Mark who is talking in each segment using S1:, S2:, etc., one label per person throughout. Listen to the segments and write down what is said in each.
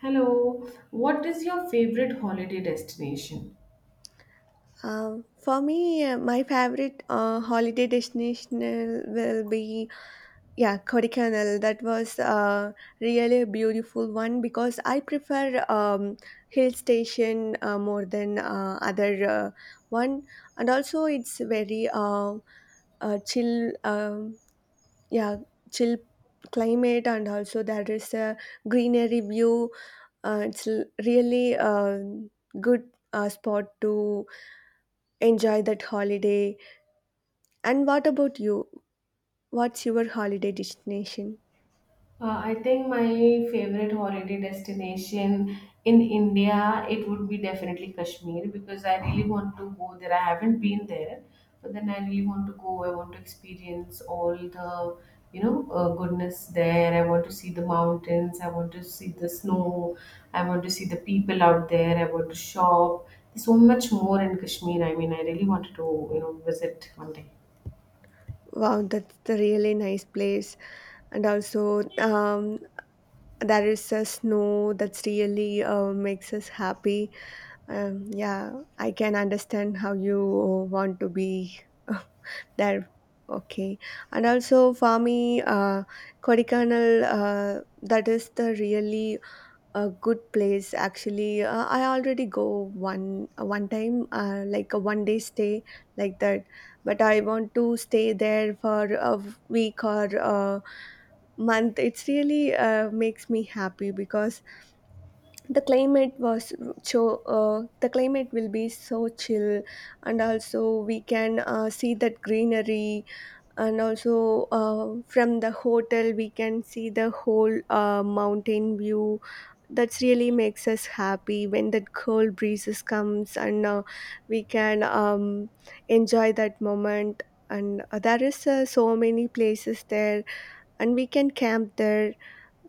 S1: Hello, what is your favorite holiday destination?
S2: For me, my favorite holiday destination will be yeah Kodaikanal. That was really a beautiful one because I prefer hill station more than other one, and also it's very chill. Yeah, Chill climate, and also there is a greenery view. It's l- really good spot to enjoy that holiday. And what about you? What's your holiday destination?
S1: I think my favorite holiday destination in India, it would be definitely Kashmir because I really want to go there. I haven't been there, but then I really want to go. I want to experience all the goodness there. I want to see the mountains. I want to see the snow. I want to see the people out there. I want to shop. There's so much more in Kashmir. I mean, I really wanted to, visit one day.
S2: Wow, that's a really nice place. And also, there is a snow that's really makes us happy. Yeah, I can understand how you want to be there. Okay, and also for me, Kodaikanal, that is the really a good place. Actually, I already go one time, like a one day stay like that, but I want to stay there for a week or a month. It's really makes me happy because the climate was the climate will be so chill, and also we can see that greenery, and also from the hotel we can see the whole mountain view. That's really makes us happy when that cold breezes comes, and we can enjoy that moment. And there is so many places there, and we can camp there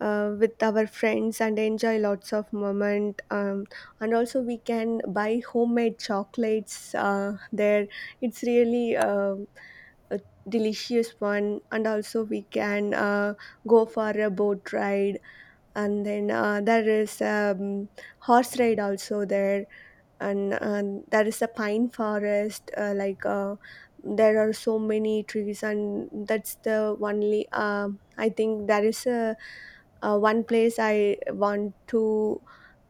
S2: with our friends and enjoy lots of moment. And also we can buy homemade chocolates there. It's really a delicious one, and also we can go for a boat ride. And then there is horse ride also there. And there is a pine forest, there are so many trees. And that's the only I think there is a, one place I want to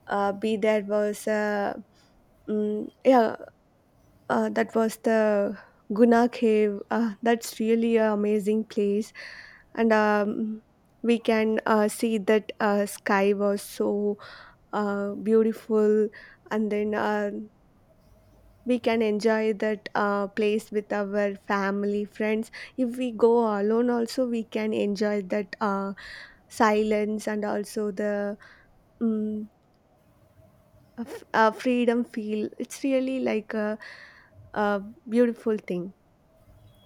S2: be. There was a um, yeah that was the Guna Cave. That's really an amazing place. And we can see that sky was so beautiful. And then we can enjoy that place with our family, friends. If we go alone, also, we can enjoy that silence, and also the um, freedom feel. It's really like a beautiful thing.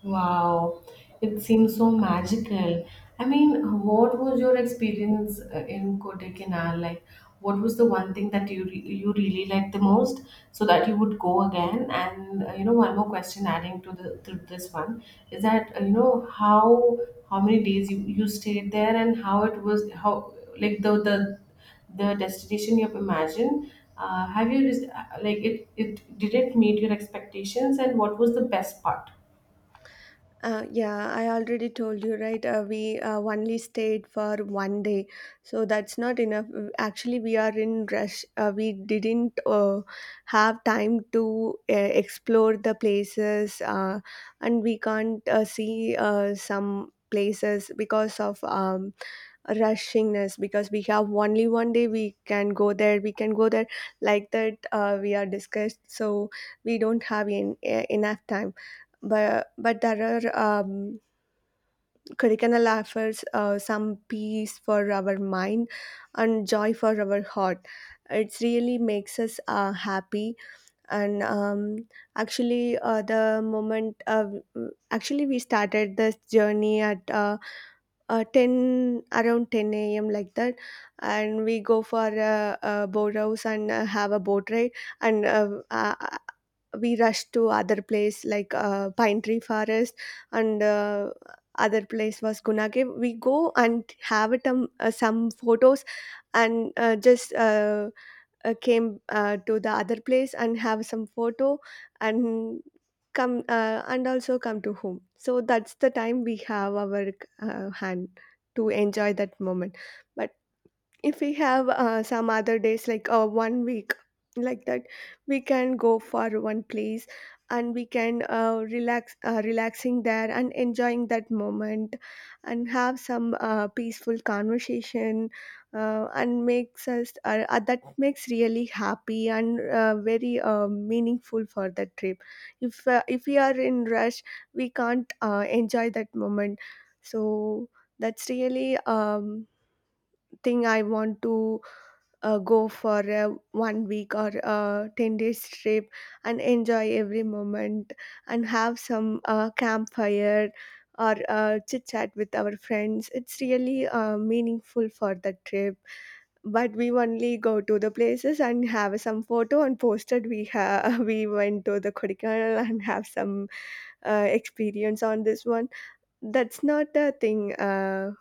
S1: Wow, it seems so magical. I mean, what was your experience in Kodaikanal? Like, what was the one thing that you really liked the most, so that you would go again? And one more question adding to the to this one is that you know how many days you stayed there and how it was, how like the destination you have imagined. Have you just, like it did it meet your expectations, and what was the best part?
S2: Yeah, I already told you, right? We only stayed for one day, so that's not enough. Actually, we are in rush. We didn't have time to explore the places, and we can't see some places because of rushingness, because we have only one day. We can go there, like that we are discussed. So we don't have enough time. But there are curricular offers some peace for our mind and joy for our heart. It really makes us happy. And actually the moment actually we started this journey at 10 a.m, like that. And we go for a boat house and have a boat ride, and we rush to other place, like pine tree forest. And other place was gunage, we go and have it some photos. And just came to the other place and have some photo, and come and also come to home. So that's the time we have our hand to enjoy that moment. But if we have some other days, like one week like that, we can go for one place, and we can relaxing there and enjoying that moment, and have some peaceful conversation. And makes us that makes really happy and very meaningful for that trip. If we are in rush, we can't enjoy that moment. So that's really thing I want to go for a one week or a 10 days trip and enjoy every moment, and have some campfire or chit chat with our friends. It's really meaningful for the trip. But we only go to the places and have some photo and posted. We have we went to the Kodaikanal and have some experience on this one. That's not a thing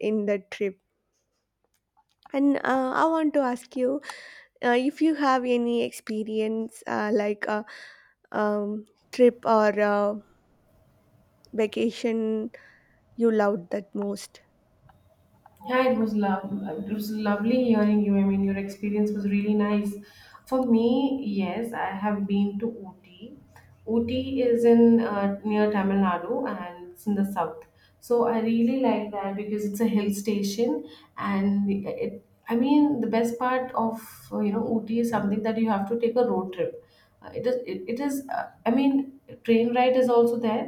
S2: in the trip. And I want to ask you, if you have any experience, like a um, trip or a vacation you loved that most.
S1: Yeah, it was love. It was lovely hearing you. I mean, your experience was really nice. For me, yes, I have been to Ooty. Ooty is in near Tamil Nadu, and it's in the south. So I really like that because it's a hill station, and it. I mean, the best part of Ooty is something that you have to take a road trip. It is it, it is I mean, train ride is also there,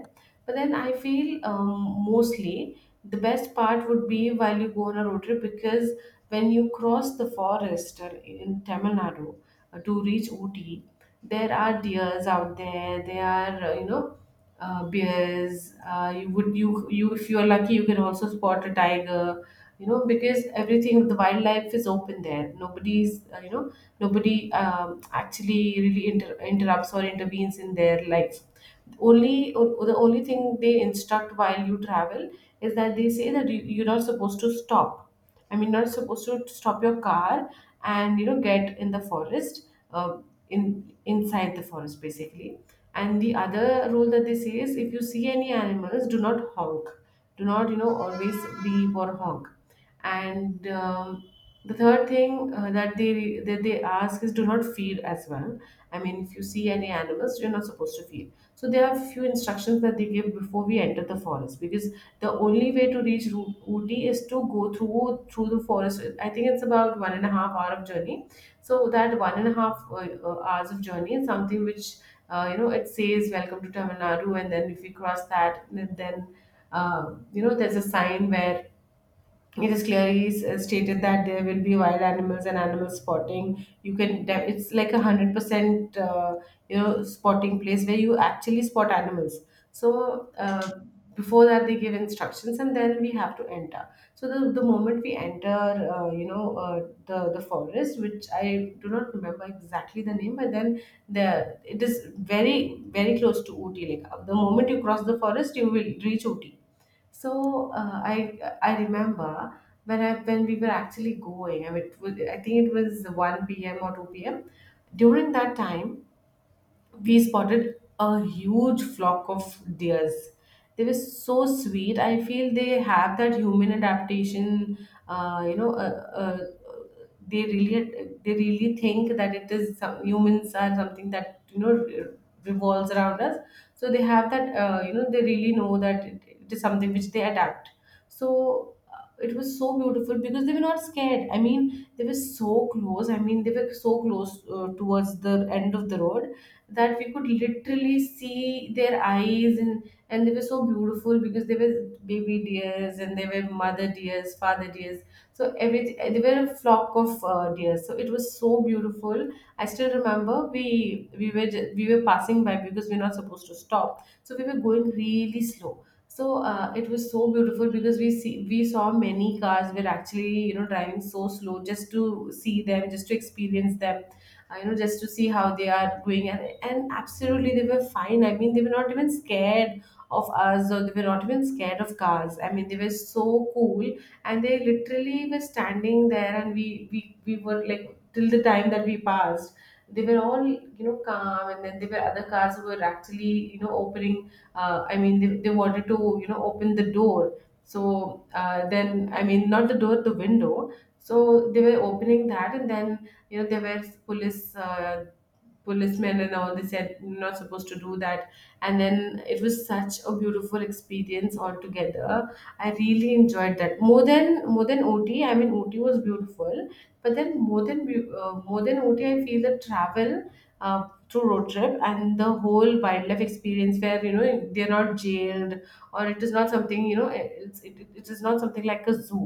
S1: but then I feel mostly the best part would be while you go on a road trip, because when you cross the forest in Tamil Nadu to reach Ooty, there are deers out there. They are bears. You would you you if you are lucky, you can also spot a tiger. You know, because everything, the wildlife is open there. Nobody's you know nobody actually really interrupts or intervenes in their life. The only thing they instruct while you travel is that they say that you're not supposed to stop. I mean, not supposed to stop your car, and get in the forest, in inside the forest basically. And the other rule that they say is, if you see any animals, do not honk. Do not, always beep or honk. And the third thing that they ask is, do not feed as well. I mean, if you see any animals, you're not supposed to feed. So there are few instructions that they give before we enter the forest, because the only way to reach Ooty is to go through the forest. I think it's about 1.5 hour of journey. So that one and a half hours of journey is something which it says welcome to Tamil Nadu. And then if we cross that, then there's a sign where it is clearly stated that there will be wild animals, and animal spotting, you can it's like 100% spotting place where you actually spot animals. So before that they give instructions, and then we have to enter. So the moment we enter, uh, you know uh, the forest, which I do not remember exactly the name, but then the it is very very close to Ooty. Like, the moment you cross the forest, you will reach Ooty. So I remember when I when we were actually going. I mean, it was, I think it was 1 p.m. or 2 p.m. During that time, we spotted a huge flock of deers. They were so sweet. I feel they have that human adaptation. Uh, they really think that it is humans are something that revolves around us. So they have that. They really know that it is something which they adapt. So it was so beautiful because they were not scared. I mean, they were so close. I mean, they were so close towards the end of the road that we could literally see their eyes. And they were so beautiful because they were baby deers, and they were mother deers, father deers. So every they were a flock of deers. So it was so beautiful. I still remember we were passing by, because we're not supposed to stop, so we were going really slow. So it was so beautiful because we saw many cars were actually driving so slow, just to see them, just to experience them, just to see how they are doing. And absolutely they were fine. I mean, they were not even scared of us, or they were not even scared of cars. I mean, they were so cool. And they literally were standing there, and we were like, till the time that we passed they were all, calm. And then there were other cars who were actually, opening, I mean, they wanted to, open the door. So then, I mean, not the door, the window. So they were opening that, and then, there were policemen, and all they said you're not supposed to do that. And then it was such a beautiful experience altogether. I really enjoyed that more than OT. I mean, OT was beautiful, but then more than more than OT, I feel the travel through road trip and the whole wildlife experience, where, they're not jailed, or it is not something, it is not something like a zoo.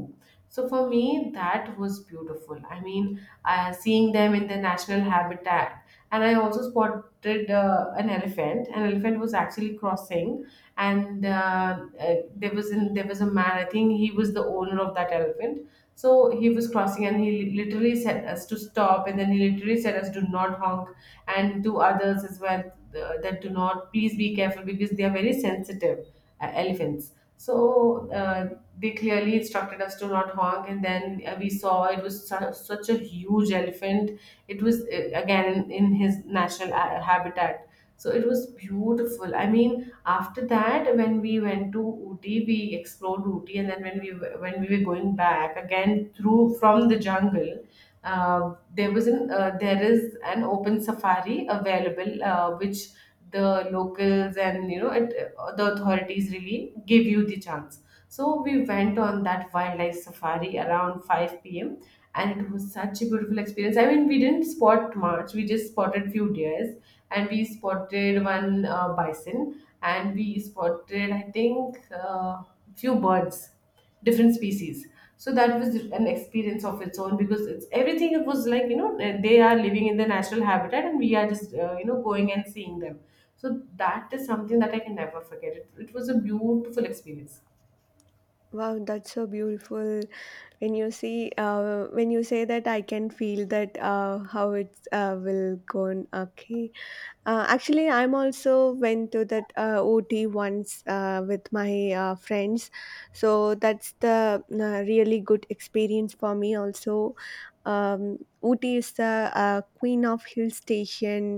S1: So for me, that was beautiful. I mean, seeing them in the national habitat. And I also spotted an elephant. An elephant was actually crossing, and there was a man. I think he was the owner of that elephant, so he was crossing, and literally said us to stop, and then he literally said us, do not honk, and to others as well, that do not, please be careful because they are very sensitive elephants. So they clearly instructed us to not honk, and then we saw it was such a huge elephant. It was, again, his natural habitat. So it was beautiful. I mean, after that, when we went to Ooty, we explored Ooty, and then when we were going back again through from the jungle, there is an open safari available, which the locals and you know it, the authorities really give you the chance. So we went on that wildlife safari around 5 p.m., and it was such a beautiful experience. I mean, we didn't spot much. We just spotted few deers, and we spotted one bison, and we spotted, I think, few birds, different species. So that was an experience of its own, because it was like, you know, they are living in the natural habitat, and we are just, going and seeing them. So that is something that I can never forget it. It was a beautiful experience.
S2: Wow, that's so beautiful. When you say that, I can feel that how it will go on. Okay, actually, I'm also went to that OT once with my friends, so that's the really good experience for me. Also, OT is the queen of hill station,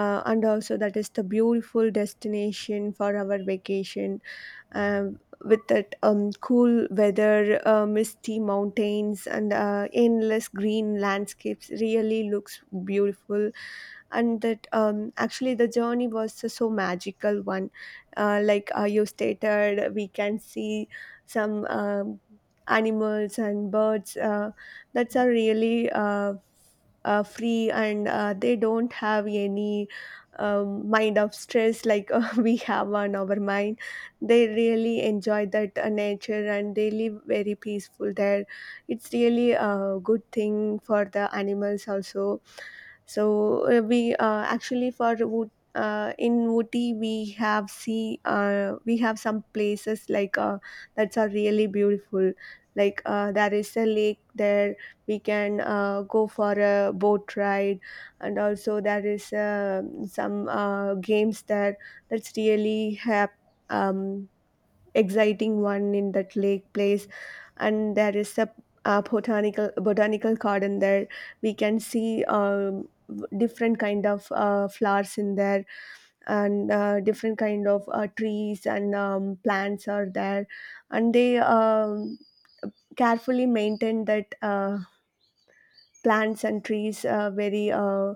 S2: and also that is the beautiful destination for our vacation. Um, with that cool weather, misty mountains, and endless green landscapes, really looks beautiful. And that actually the journey was a so magical one. You stated, we can see some animals and birds. That's a really free, and they don't have any mind of stress like we have on our mind. They really enjoy that nature, and they live very peaceful there. It's really a good thing for the animals also. So we actually for wood, in Ooty, we have see we have some places like that are really beautiful. Like there is a lake there, we can go for a boat ride, and also there is some games there. That's really have um, exciting one in that lake place. And there is a, botanical garden there. We can see different kind of flowers in there, and different kind of trees and plants are there. And they carefully maintain that plants and trees, a very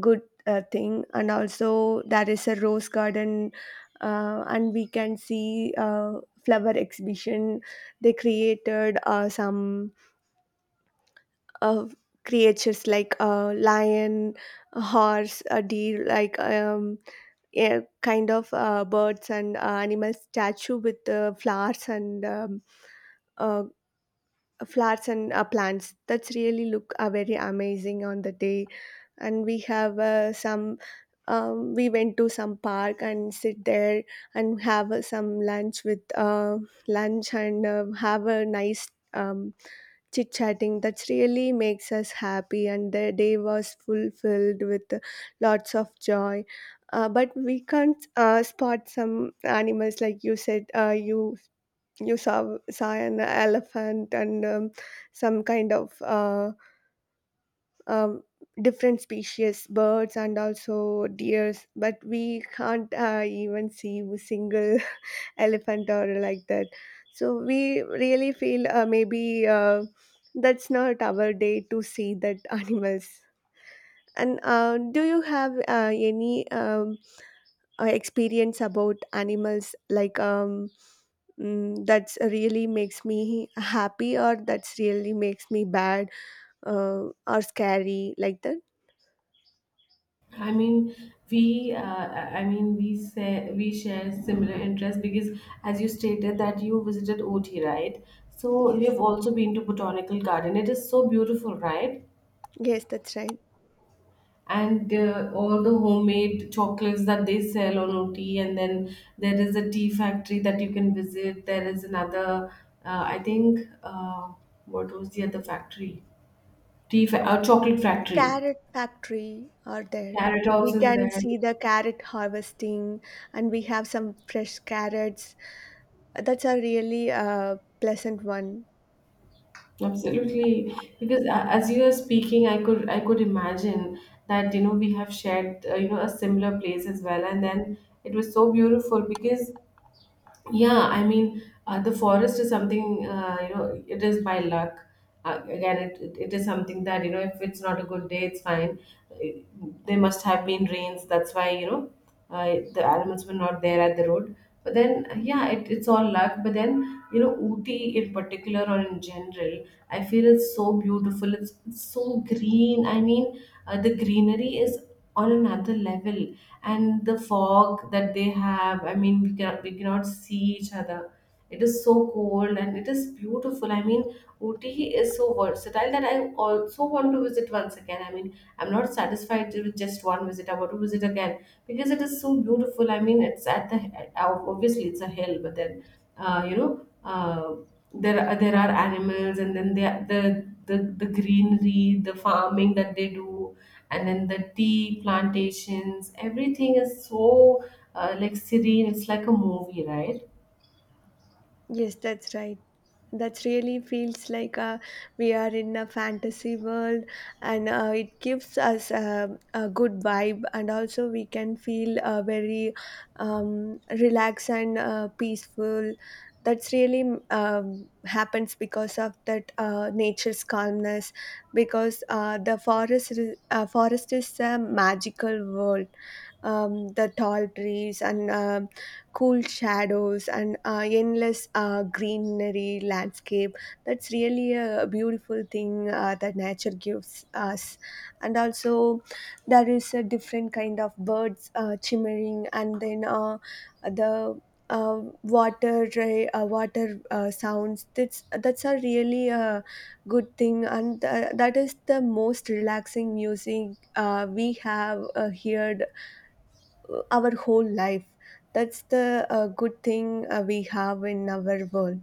S2: good thing. And also there is a rose garden, and we can see flower exhibition. They created some uh, creatures like a lion, a horse, a deer, like a kind of birds and animal statue with flowers and uh, flowers and plants. That's really look very amazing on the day. And we have some we went to some park and sit there and have some lunch with lunch, and have a nice chit chatting. That really makes us happy, and the day was fulfilled with lots of joy. But we can't spot some animals like you said. You saw an elephant and some kind of um, different species birds, and also deers. But we can't even see a single elephant or like that. So we really feel maybe that's not our day to see that animals. And do you have any experience about animals like that's really makes me happy, or that's really makes me bad, or scary, like that?
S1: I mean, we, uh, we say we share similar interests because, as you stated, that you visited Ooty, right? So you
S2: Yes,
S1: have also been to Botanical Garden. It is so beautiful, right?
S2: yes, that's right.
S1: And all the homemade chocolates that they sell on OT. And then there is a tea factory that you can visit. There is another, I think, what was the other factory? Chocolate factory.
S2: Carrot factory are there.
S1: Carrot House
S2: We
S1: is
S2: can
S1: there.
S2: see the carrot harvesting, and we have some fresh carrots. That's a really pleasant one.
S1: Absolutely, because as you are speaking, I could imagine that, you know, we have shared a similar place as well, and then it was so beautiful because, yeah, I mean, the forest is something, it is by luck. Again, it is something that, you know, if it's not a good day, it's fine. It- there must have been rains. That's why, you know, the animals were not there at the road. But then, yeah, it's all luck. But then, you know, Ooty in particular or in general, I feel it's so beautiful. It's so green. I mean, the greenery is on another level, and the fog that they have, I mean, we cannot see each other. It is so cold and it is beautiful. I mean, Ooty is so versatile that I also want to visit once again. I mean, I'm not satisfied with just one visit. I want to visit again because it is so beautiful. I mean, it's at the obviously it's a hill, but then uh, you know uh, there are animals, and then the greenery, the farming that they do, and then the tea plantations. Everything is so like serene. It's like a movie, right?
S2: Yes, that's right. That really feels like we are in a fantasy world, and it gives us a good vibe, and also we can feel very relaxed and peaceful. That's really happens because of that nature's calmness, because forest is a magical world. The tall trees and cool shadows and endless greenery landscape, that's really a beautiful thing that nature gives us. And also there is a different kind of birds chimering, and then the water water sounds. That's a really good thing, and that is the most relaxing music we have heard our whole life. That's the good thing we have in our world.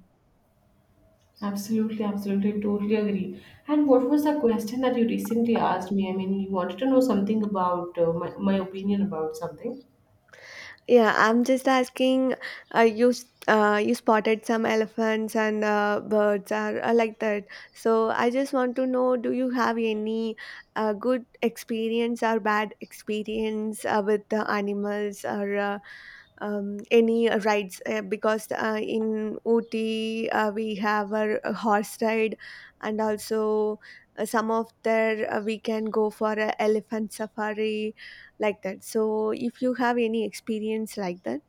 S1: Absolutely, absolutely, totally agree. And what was the question that you recently asked me? I mean, you wanted to know something about my opinion about something.
S2: Yeah, I'm just asking. You spotted some elephants and birds, are like that. So I just want to know: do you have any good experience or bad experience with the animals, or any rides, because in Ooty we have a horse ride, and also some of there we can go for a elephant safari, like that. So if you have any experience like that.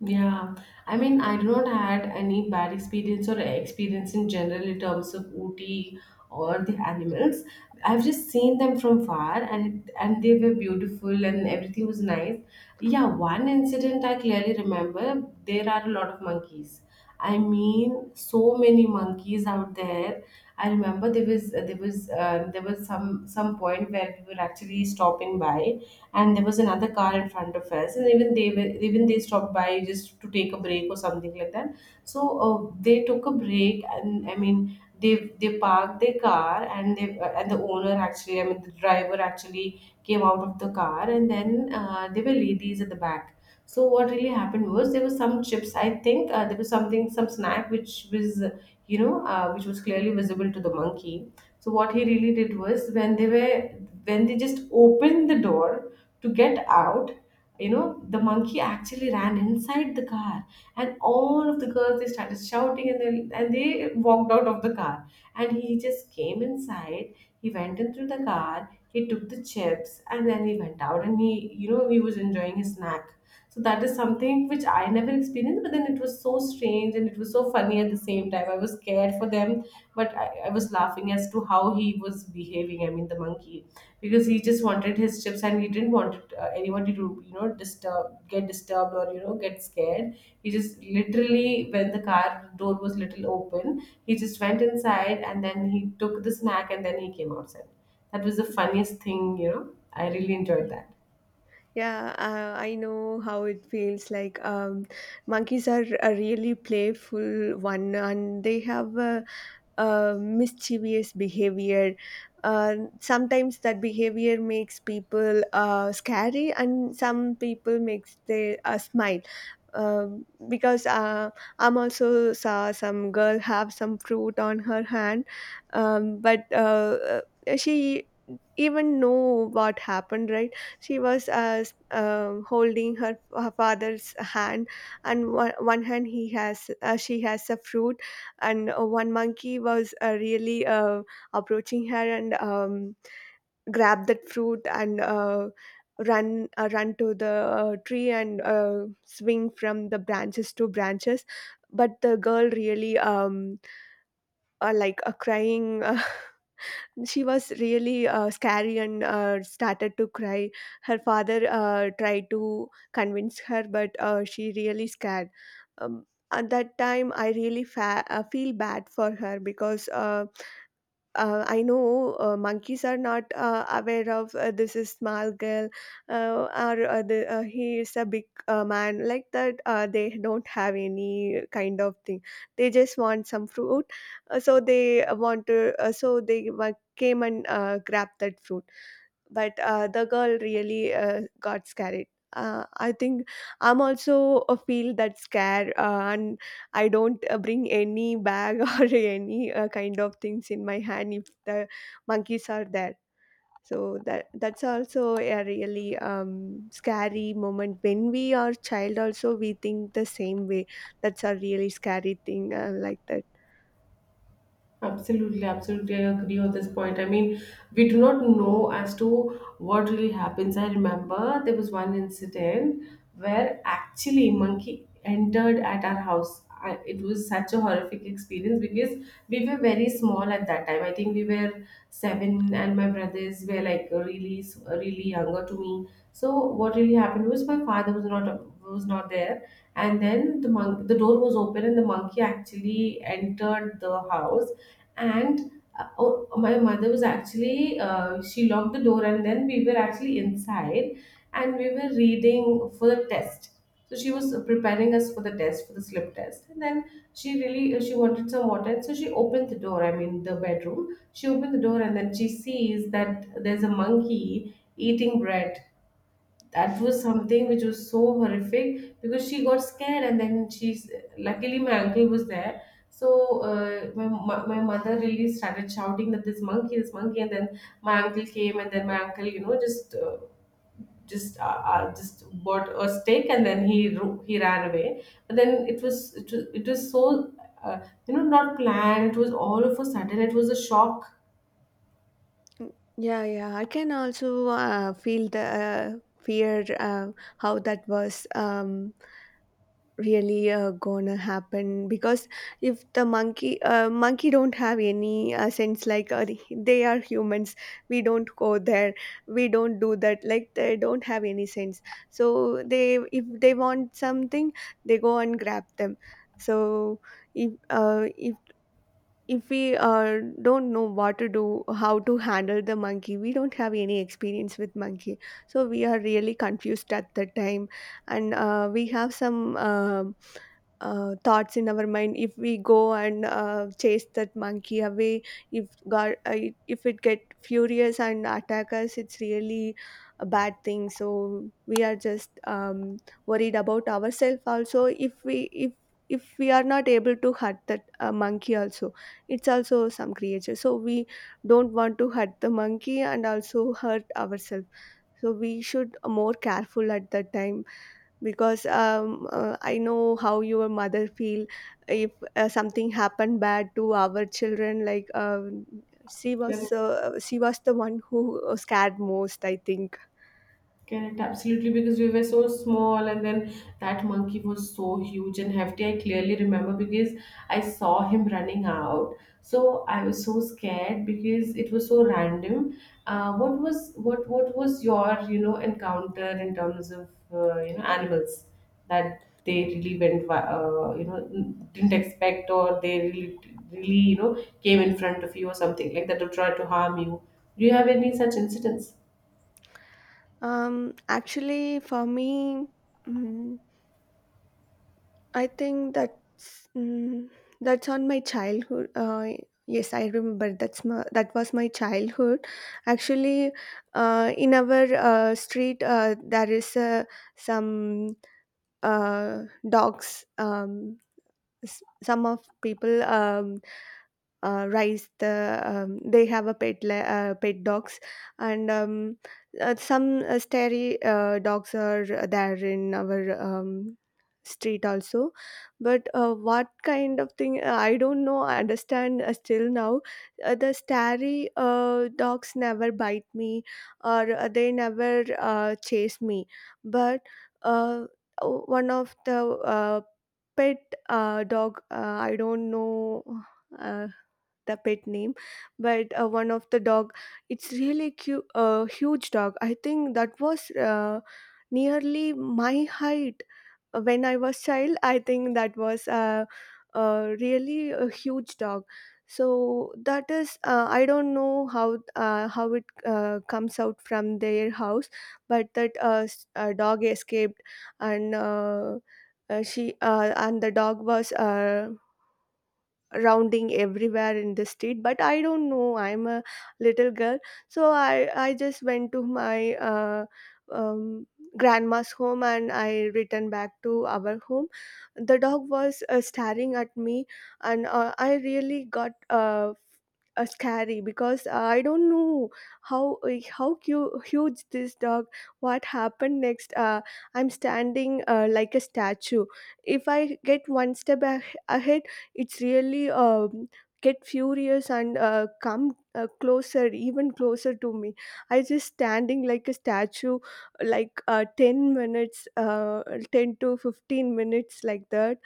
S1: Yeah, I mean, I do not had any bad experience or experience in general in terms of Ooty or the animals. I've just seen them from far, and they were beautiful, and everything was nice. Yeah, one incident I clearly remember. There are a lot of monkeys. I mean, so many monkeys out there. I remember there was some point where we were actually stopping by, and there was another car in front of us, and even they stopped by just to take a break or something like that. So they took a break, and I mean they parked their car, and the owner actually, I mean the driver actually, came out of the car, and then there were ladies at the back. So what really happened was there was some chips, I think. There was something, some snack, which was which was clearly visible to the monkey. So what he really did was when they just opened the door to get out, you know, the monkey actually ran inside the car, and all of the girls, they started shouting, and they walked out of the car. And he just came inside. He went into the car, he took the chips, and then he went out, and he, you know, he was enjoying his snack. So that is something which I never experienced, but then it was so strange and it was so funny at the same time. I was scared for them, but I was laughing as to how he was behaving, I mean the monkey, because he just wanted his chips and he didn't want anybody to, you know, disturb get disturbed or, you know, get scared. He just literally, when the car door was little open, he just went inside, and then he took the snack, and then he came outside. That was the funniest thing, you know. I really enjoyed that.
S2: Yeah, I know how it feels like. Monkeys are really playful one, and they have a mischievous behavior. Uh, Sometimes that behavior makes people scary, and some people makes they smile. Because I'm also saw some girl have some fruit on her hand, but she even know what happened, right? She was holding her father's hand, and one hand he has, she has a fruit. And one monkey was really approaching her, and grabbed that fruit, and run to the tree and swing from the branches to branches. But the girl really, crying. She was really scary and started to cry. Her father tried to convince her, but she really scared. um, at that time I really feel bad for her, because I know monkeys are not aware of this is small girl, he is a big man like that. They don't have any kind of thing. They just want some fruit, so they want to. So they wa- came and grabbed that fruit, but the girl really got scared. I think I'm also a feel that scare, and I don't bring any bag or any kind of things in my hand if the monkeys are there. So that's also a really scary moment. When we are child, also we think the same way. That's a really scary thing, like that.
S1: Absolutely, absolutely. I agree on this point. I mean, we do not know as to what really happens. I remember there was one incident where actually monkey entered at our house. I, it was such a horrific experience because we were very small at that time. I think we were seven, and my brothers were like really, really younger to me. So what really happened was my father was not there, and then the door was open, and the monkey actually entered the house. And oh, my mother was actually, she locked the door, and then we were actually inside, and we were reading for the test. So she was preparing us for the test, for the slip test. And then she really she wanted some water, and so she opened the door, I mean the bedroom, she opened the door, and then she sees that there's a monkey eating bread. That was something which was so horrific because she got scared, and then she's luckily my uncle was there. So my mother really started shouting that this monkey, this monkey. And then my uncle came, and then my uncle, you know, just just uh, just bought a stick, and then he ran away. But then it was, it was so uh, you know, not planned. It was all of a sudden. It was a shock.
S2: Mm, yeah, yeah. I can also feel the fear, how that was, really gonna happen. Because if the monkey don't have any sense, like they are humans, we don't go there, we don't do that. Like they don't have any sense. So they, if they want something, they go and grab them. So if uh, if if we don't know what to do, how to handle the monkey, we don't have any experience with monkey. So we are really confused at the time, and we have some thoughts in our mind. If we go and chase that monkey away, if god uh, if it get furious and attack us, it's really a bad thing. So we are just worried about ourselves also. If if we are not able to hurt that monkey also, it's also some creature, so we don't want to hurt the monkey and also hurt ourselves. So we should more careful at that time, because I know how your mother feel if something happened bad to our children. Like, she was the one who was scared most, I think.
S1: Correct, absolutely, because we were so small, and then that monkey was so huge and hefty. I clearly remember because I saw him running out. So I was so scared because it was so random. What was what was your, you know, encounter in terms of, you know, animals that they really you know, didn't expect, or they really really, you know, came in front of you or something like that to try to harm you? Do you have any such incidents?
S2: Actually, for me, mm, I think that's, that's on my childhood. Yes, I remember, that was my childhood. Actually, in our street, there is some uh, dogs. Some of people, raise the, they have a pet dogs. And some stray dogs are there in our street also. But what kind of thing, I don't know, I understand still now, the starry dogs never bite me, or they never chase me. But uh, one of the pet dog, I don't know uh, the pet name. But one of the dog, it's really cute, a huge dog. I think that was nearly my height when I was child. I think that was really a huge dog. So that is, I don't know how it comes out from their house. But that dog escaped, and she and the dog was rounding everywhere in the street. But I don't know, I'm a little girl, so I just went to my um, grandma's home, and I returned back to our home. The dog was staring at me, and I really got scary, because I don't know how huge this dog. What happened next? I'm standing like a statue. If I get one step ahead, it's really, get furious and come closer, even closer to me. I just standing like a statue like 10 minutes, 10 to 15 minutes like that.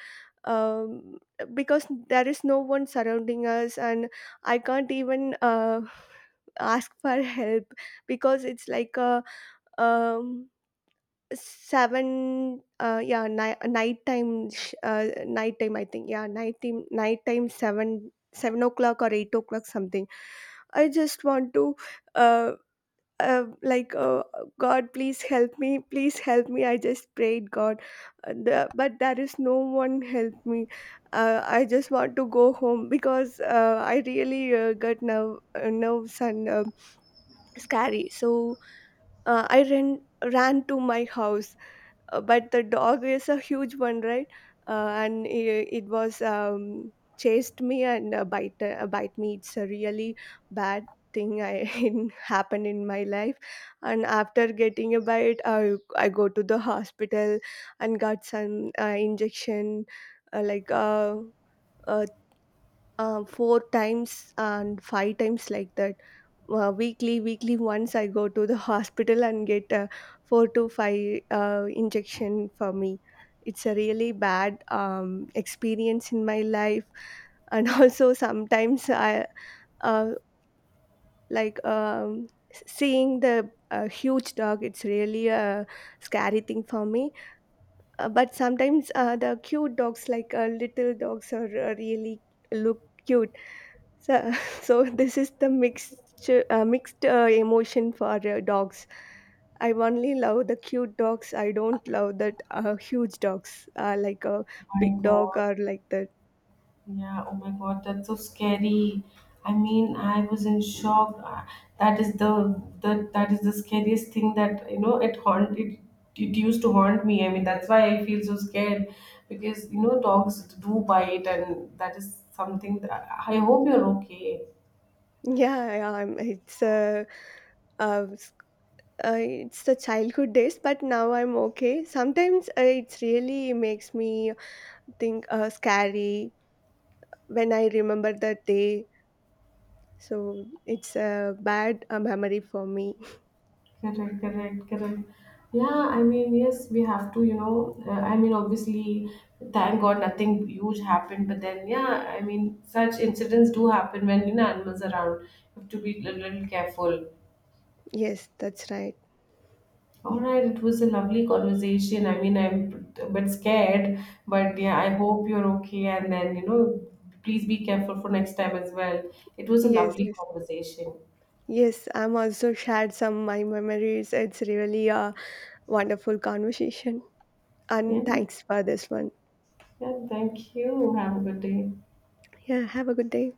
S2: um, because there is no one surrounding us, and I can't even ask for help, because it's like a um, 7, nighttime, sh- nighttime I think yeah nighttime nighttime, 7, o'clock, or 8 o'clock, something. I just want to uh, uh like uh, god please help me, please help me. I just prayed god, but there is no one help me. I just want to go home, because I really got nerves and scary. So I ran ran to my house. But the dog is a huge one, right? And it was, chased me, and bite me. It's a really bad thing I in, happened in my life. And after getting a bite, I go to the hospital and got some injection, uh, like uh, uh, four times and five times like that. Weekly once I go to the hospital and get a 4 to 5 injection for me. It's a really bad experience in my life. And also sometimes I, uh, like um, seeing the huge dog, it's really a scary thing for me. But sometimes the cute dogs, like little dogs, are really look cute. So, so this is the mixed emotion for dogs. I only love the cute dogs. I don't love that huge dogs, like a
S1: My
S2: big dog
S1: God.
S2: or like that.
S1: Yeah, oh my God, that's so scary. I mean, I was in shock. That is the that is the scariest thing that, you know, it used to haunt me. I mean, that's why I feel so scared because, you know, dogs do bite, and that is something that I hope you're okay.
S2: Yeah, yeah, I'm, uh, s- it's the childhood days, but now I'm okay. Sometimes it really makes me think scary when I remember that day. So it's a bad memory for me.
S1: Correct, correct, correct. Yeah, I mean, yes, we have to, you know. I mean, obviously, thank God nothing huge happened, but then, yeah, I mean, such incidents do happen when, you know, animals are around. You have to be a little careful.
S2: Yes, that's right.
S1: All right, it was a lovely conversation. I mean, I'm a bit scared, but yeah, I hope you're okay. And then, you know, please be careful for next time as well. It was a
S2: Yes,
S1: lovely
S2: yes.
S1: conversation.
S2: Yes, I'm also shared some my memories. It's really a wonderful conversation.
S1: Yeah,
S2: And thanks for this one.
S1: yeah, thank you. Have a good day.
S2: Yeah, have a good day.